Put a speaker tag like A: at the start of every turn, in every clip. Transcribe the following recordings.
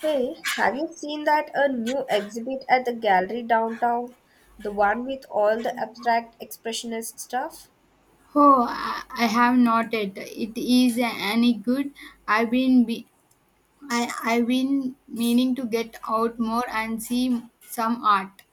A: Hey, have you seen that a new exhibit at the gallery downtown? The one with all the abstract expressionist stuff?
B: Oh, I have not yet. It is any good. I've been be, I've been meaning to get out more and see some art.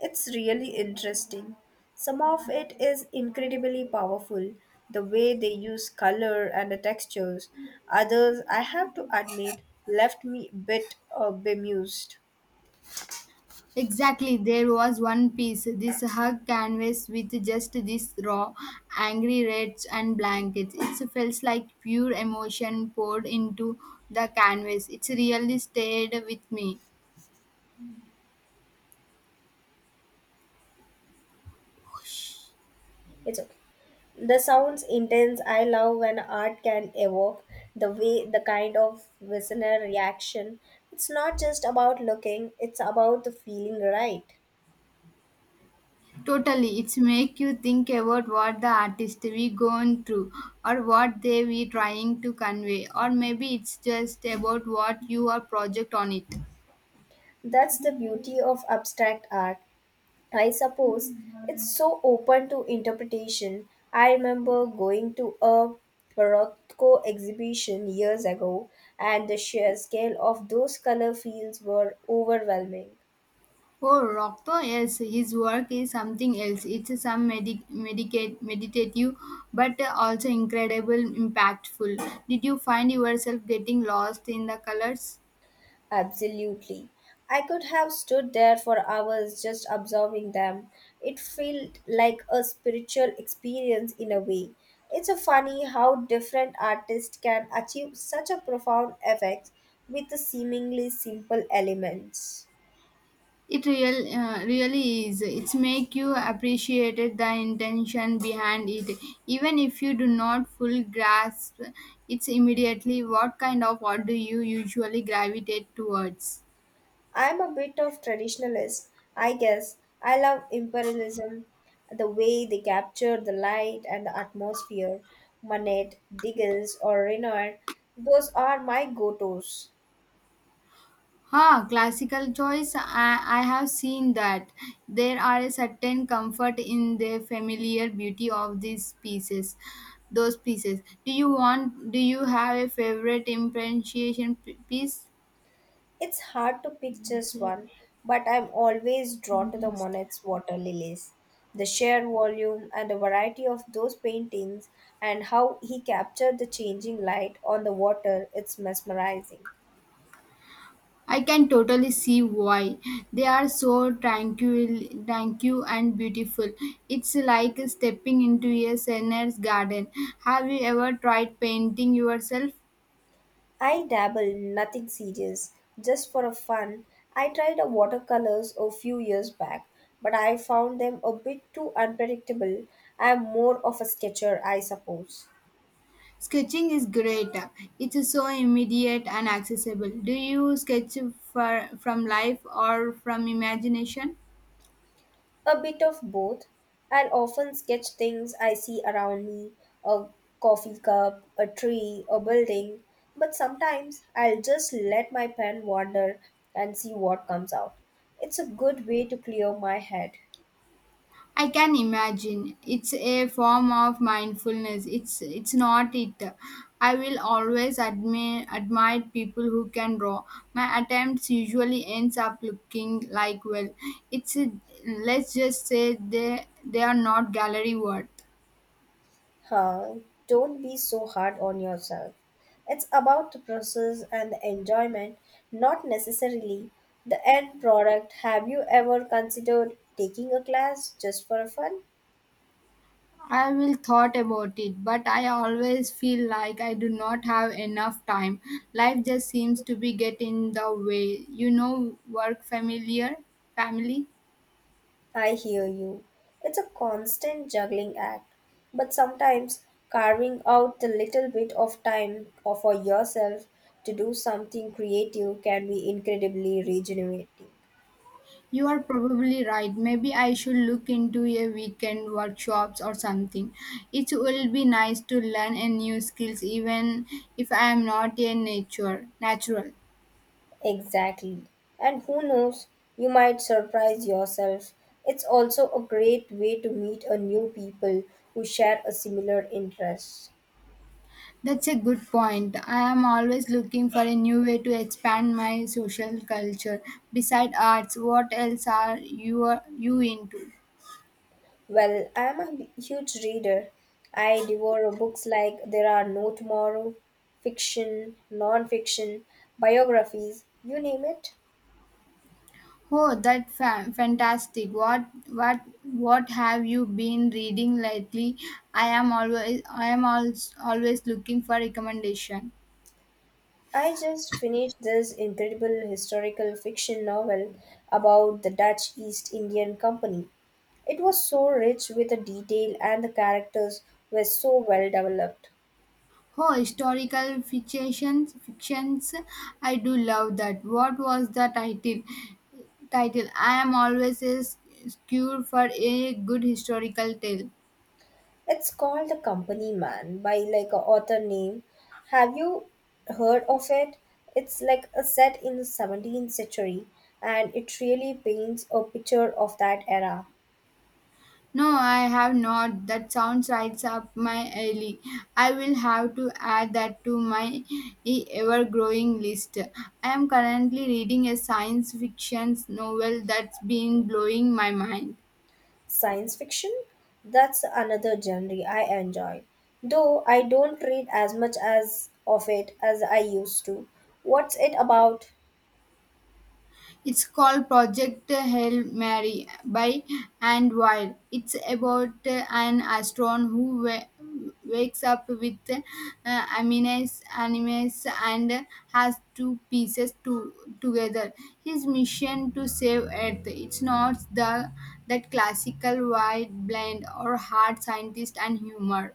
A: It's really interesting. Some of it is incredibly powerful, the way they use color and the textures. Others, I have to admit, left me a bit bemused.
B: Exactly, there was one piece, this hug canvas with just this raw, angry reds and blankets. It feels like pure emotion poured into the canvas. It's really stayed with me.
A: It's okay. The sounds intense. I love when art can evoke the way, the kind of listener reaction. It's not just about looking, it's about the feeling right.
B: Totally, it's make you think about what the artist we going through or what they we trying to convey, or maybe it's just about what you are project on it.
A: That's the beauty of abstract art. I suppose it's so open to interpretation. I remember going to a Rothko exhibition years ago, and the sheer scale of those color fields were overwhelming.
B: Oh, Rocto, yes, his work is something else. It's some meditative, but also incredible, impactful. Did you find yourself getting lost in the colors?
A: Absolutely. I could have stood there for hours just observing them. It felt like a spiritual experience in a way. It's a funny how different artists can achieve such a profound effect with the seemingly simple elements.
B: It really is. It's make you appreciate the intention behind it, even if you do not full grasp. It's immediately what kind of art do you usually gravitate towards?
A: I'm a bit of traditionalist, I guess. I love imperialism, the way they capture the light and the atmosphere. Manet, Diggles, or Renoir, those are my go-tos.
B: Ha, classical choice. I have seen that there are a certain comfort in the familiar beauty of these pieces. Those pieces. Do you want? Do you have a favorite improvisation piece?
A: It's hard to pick just one, but I'm always drawn to the Monet's water lilies. The sheer volume and the variety of those paintings, and how he captured the changing light on the water, it's mesmerizing.
B: I can totally see why. They are so tranquil and beautiful. It's like stepping into a sinner's garden. Have you ever tried painting yourself?
A: I dabble, nothing serious, just for a fun. I tried a watercolors a few years back, but I found them a bit too unpredictable. I'm more of a sketcher, I suppose.
B: Sketching is great. It's so immediate and accessible. Do you sketch from life or from imagination?
A: A bit of both. I'll often sketch things I see around me a coffee cup, a tree, a building, but sometimes I'll just let my pen wander and see what comes out. It's a good way to clear my head.
B: I can imagine. It's a form of mindfulness. It's not it. I will always admire people who can draw. My attempts usually ends up looking like well. It's a, let's just say they are not gallery worth.
A: Huh, don't be so hard on yourself. It's about the process and the enjoyment, not necessarily the end product. Have you ever considered taking a class just for fun?
B: I will thought about it, but I always feel like I do not have enough time. Life just seems to be getting in the way. You know, work, family.
A: I hear you. It's a constant juggling act, but sometimes carving out the little bit of for yourself to do something creative can be incredibly regenerating.
B: You are probably right. Maybe I should look into a weekend workshops or something. It will be nice to learn a new skills even if I am not a nature natural.
A: Exactly. And who knows, you might surprise yourself. It's also a great way to meet a new people who share a similar interest.
B: That's a good point. I am always looking for a new way to expand my social culture. Beside arts, what else are you into?
A: Well, I am a huge reader. I devour books like There Are No Tomorrow, fiction, non fiction, biographies, you name it.
B: Oh, that fantastic! What have you been reading lately? I am always always looking for recommendation.
A: I just finished this incredible historical fiction novel about the Dutch East Indian Company. It was so rich with the detail, and the characters were so well developed.
B: Oh, historical fictions. I do love that. What was the title? Title. I am always a cure for a good historical tale.
A: It's called The Company Man by like a author name. Have you heard of it? It's like a set in the 17th century and it really paints a picture of that era.
B: No, I have not. That sounds right up my alley. I will have to add that to my ever growing list. I am currently reading a science fiction novel that's been blowing my mind.
A: Science fiction? That's another genre I enjoy. Though I don't read as much as of it as I used to. What's it about?
B: It's called Project Hail Mary by and Wild. It's about an astronaut who wakes up with amines, animes, and has two pieces to, together. His mission to save Earth. It's not the that classical white blend or hard scientist and humor.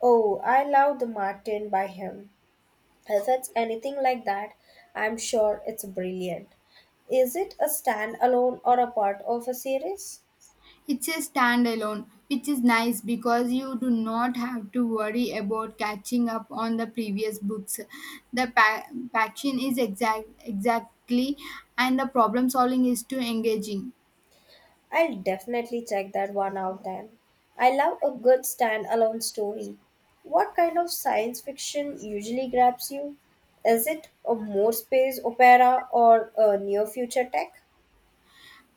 A: Oh, I love The Martin by him. If it's anything like that, I'm sure it's brilliant. Is it a standalone or a part of a series?
B: It's a standalone, which is nice because you do not have to worry about catching up on the previous books. The passion is exactly, and the problem solving is too engaging.
A: I'll definitely check that one out then. I love a good standalone story. What kind of science fiction usually grabs you? Is it a more space opera or a near future tech?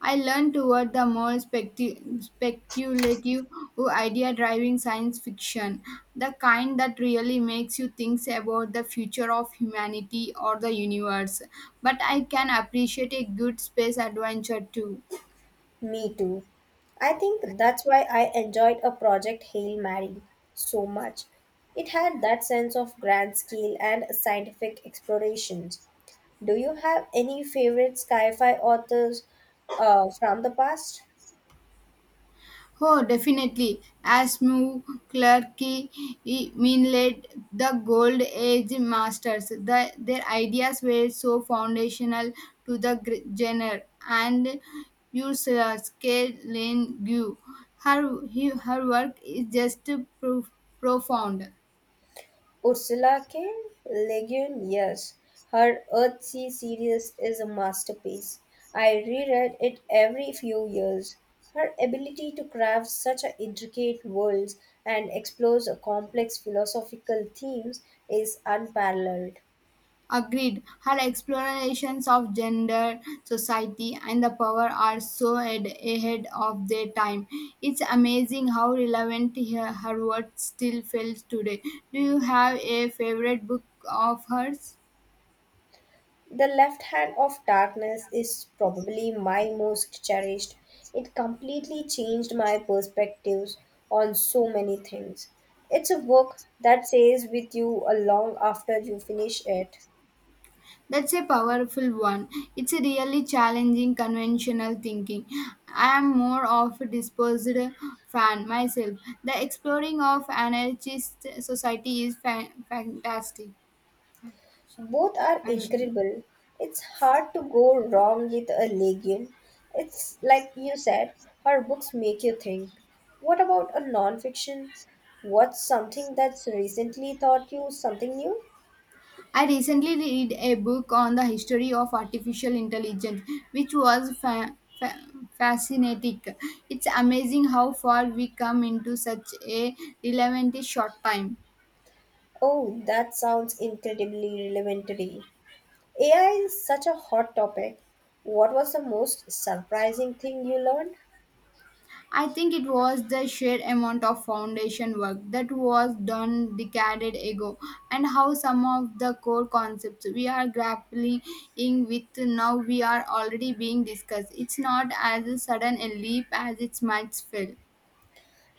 B: I learned toward the more speculative idea driving science fiction, the kind that really makes you think about the future of humanity or the universe. But I can appreciate a good space adventure too.
A: Me too. I think that's why I enjoyed a project Hail Mary so much. It had that sense of grand scale and scientific explorations. Do you have any favorite sci fi authors from the past?
B: Oh, definitely. Asmu, Clarke, Minlet, the Gold Age masters. Their ideas were so foundational to the genre. And Ursula K. Lane Gu. Her work is just pro- profound.
A: Ursula K. Le Guin, yes. Her Earthsea series is a masterpiece. I reread it every few years. Her ability to craft such a intricate worlds and explore complex philosophical themes is unparalleled.
B: Agreed. Her explorations of gender, society, and the power are so ahead of their time. It's amazing how relevant her work still feels today. Do you have a favorite book of hers?
A: The Left Hand of Darkness is probably my most cherished. It completely changed my perspectives on so many things. It's a book that stays with you a long after you finish it.
B: That's a powerful one. It's a really challenging conventional thinking. I am more of a disposed fan myself. The exploring of anarchist society is fantastic,
A: Both are
B: passionate.
A: incredible. It's hard to go wrong with a Legion. It's like you said, her books make you think. What about a non-fiction? What's something that's recently taught you something new?
B: I recently read a book on the history of artificial intelligence, which was fascinating. It's amazing how far we come into such a relatively short time.
A: Oh, that sounds incredibly relevant today. AI is such a hot topic. What was the most surprising thing you learned?
B: I think it was the sheer amount of foundation work that was done decades ago, and how some of the core concepts we are grappling with now we are already being discussed. It's not as sudden a leap as it might feel.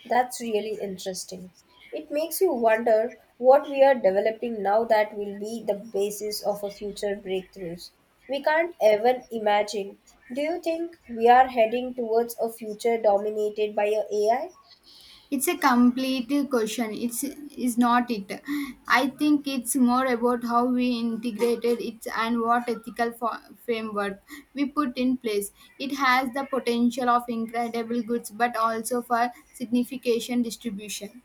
A: That's really interesting. It makes you wonder what we are developing now that will be the basis of our future breakthroughs. We can't even imagine. Do you think we are heading towards a future dominated by a AI?
B: It's a complete question, it's is not it. I think it's more about how we integrated it and what ethical framework we put in place. It has the potential of incredible goods but also for signification distribution.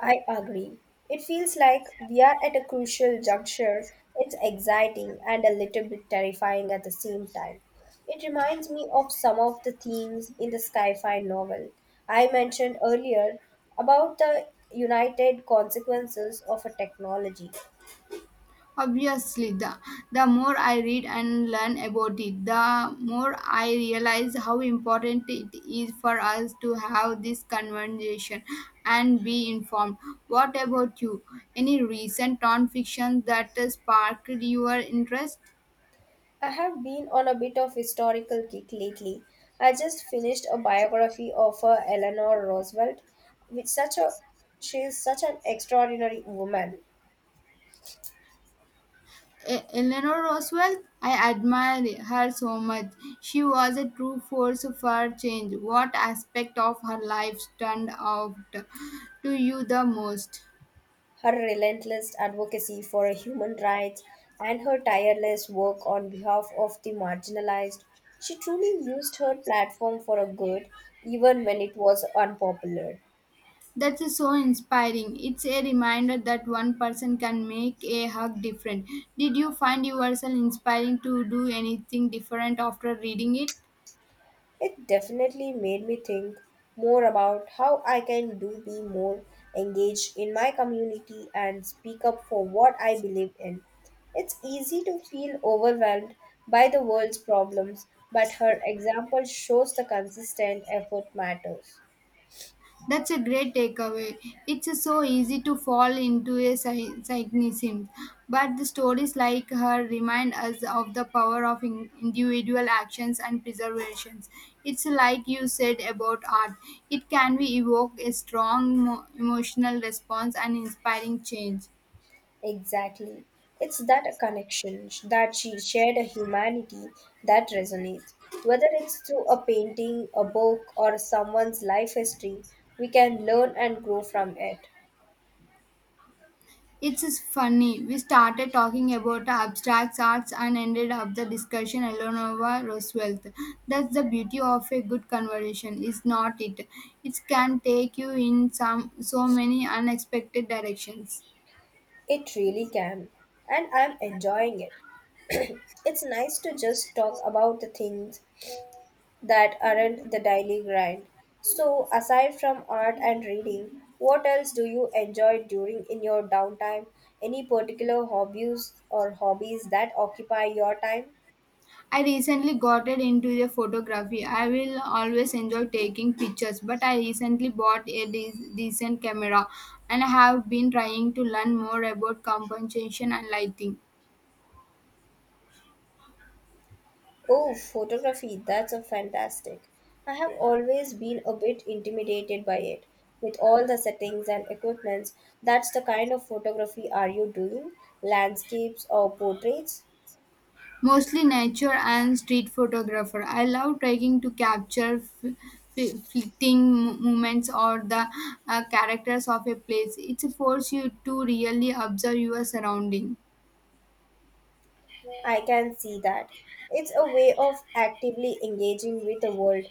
A: I agree. It feels like we are at a crucial juncture. It's exciting and a little bit terrifying at the same time. It reminds me of some of the themes in the sci-fi novel I mentioned earlier about the united consequences of a technology.
B: Obviously, the more I read and learn about it, the more I realize how important it is for us to have this conversation and be informed. What about you? Any recent nonfiction that sparked your interest?
A: I have been on a bit of historical kick lately. I just finished a biography of Eleanor Roosevelt, which such a she is such an extraordinary woman.
B: Eleanor Roosevelt? I admire her so much. She was a true force for change. What aspect of her life stand out to you the most?
A: Her relentless advocacy for human rights and her tireless work on behalf of the marginalized, she truly used her platform for a good, even when it was unpopular.
B: That is so inspiring. It's a reminder that one person can make a hug different. Did you find yourself inspiring to do anything different after reading it?
A: It definitely made me think more about how I can do be more engaged in my community and speak up for what I believe in. It's easy to feel overwhelmed by the world's problems, but her example shows the consistent effort matters.
B: That's a great takeaway. It's so easy to fall into a cynicism, but the stories like her remind us of the power of individual actions and preservations. It's like you said about art. It can be evoke a strong emotional response and inspiring change.
A: Exactly. It's that a connection, that she shared a humanity that resonates. Whether it's through a painting, a book, or someone's life history, we can learn and grow from it.
B: It's just funny. We started talking about abstract arts and ended up the discussion Eleanor Roosevelt. That's the beauty of a good conversation, is not it? It can take you in some so many unexpected directions.
A: It really can. And I'm enjoying it. It's nice to just talk about the things that aren't the daily grind. So, aside from art and reading, what else do you enjoy during in your downtime? Any particular hobbies or hobbies that occupy your time?
B: I recently got it into the photography. I will always enjoy taking pictures, but I recently bought a decent camera, and I have been trying to learn more about composition and lighting.
A: Oh, photography, that's a fantastic. I have always been a bit intimidated by it. With all the settings and equipments, that's the kind of photography are you doing? Landscapes or portraits?
B: Mostly nature and street photographer. I love trying to capture fleeting moments or the characters of a place. It forces you to really observe your surrounding.
A: I can see that. It's a way of actively engaging with the world.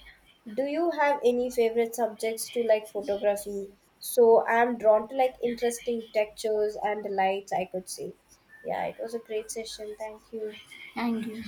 A: Do you have any favorite subjects to like photography? So I'm drawn to like interesting textures and the lights I could see. Yeah, it was a great session. Thank you.
B: Thank you.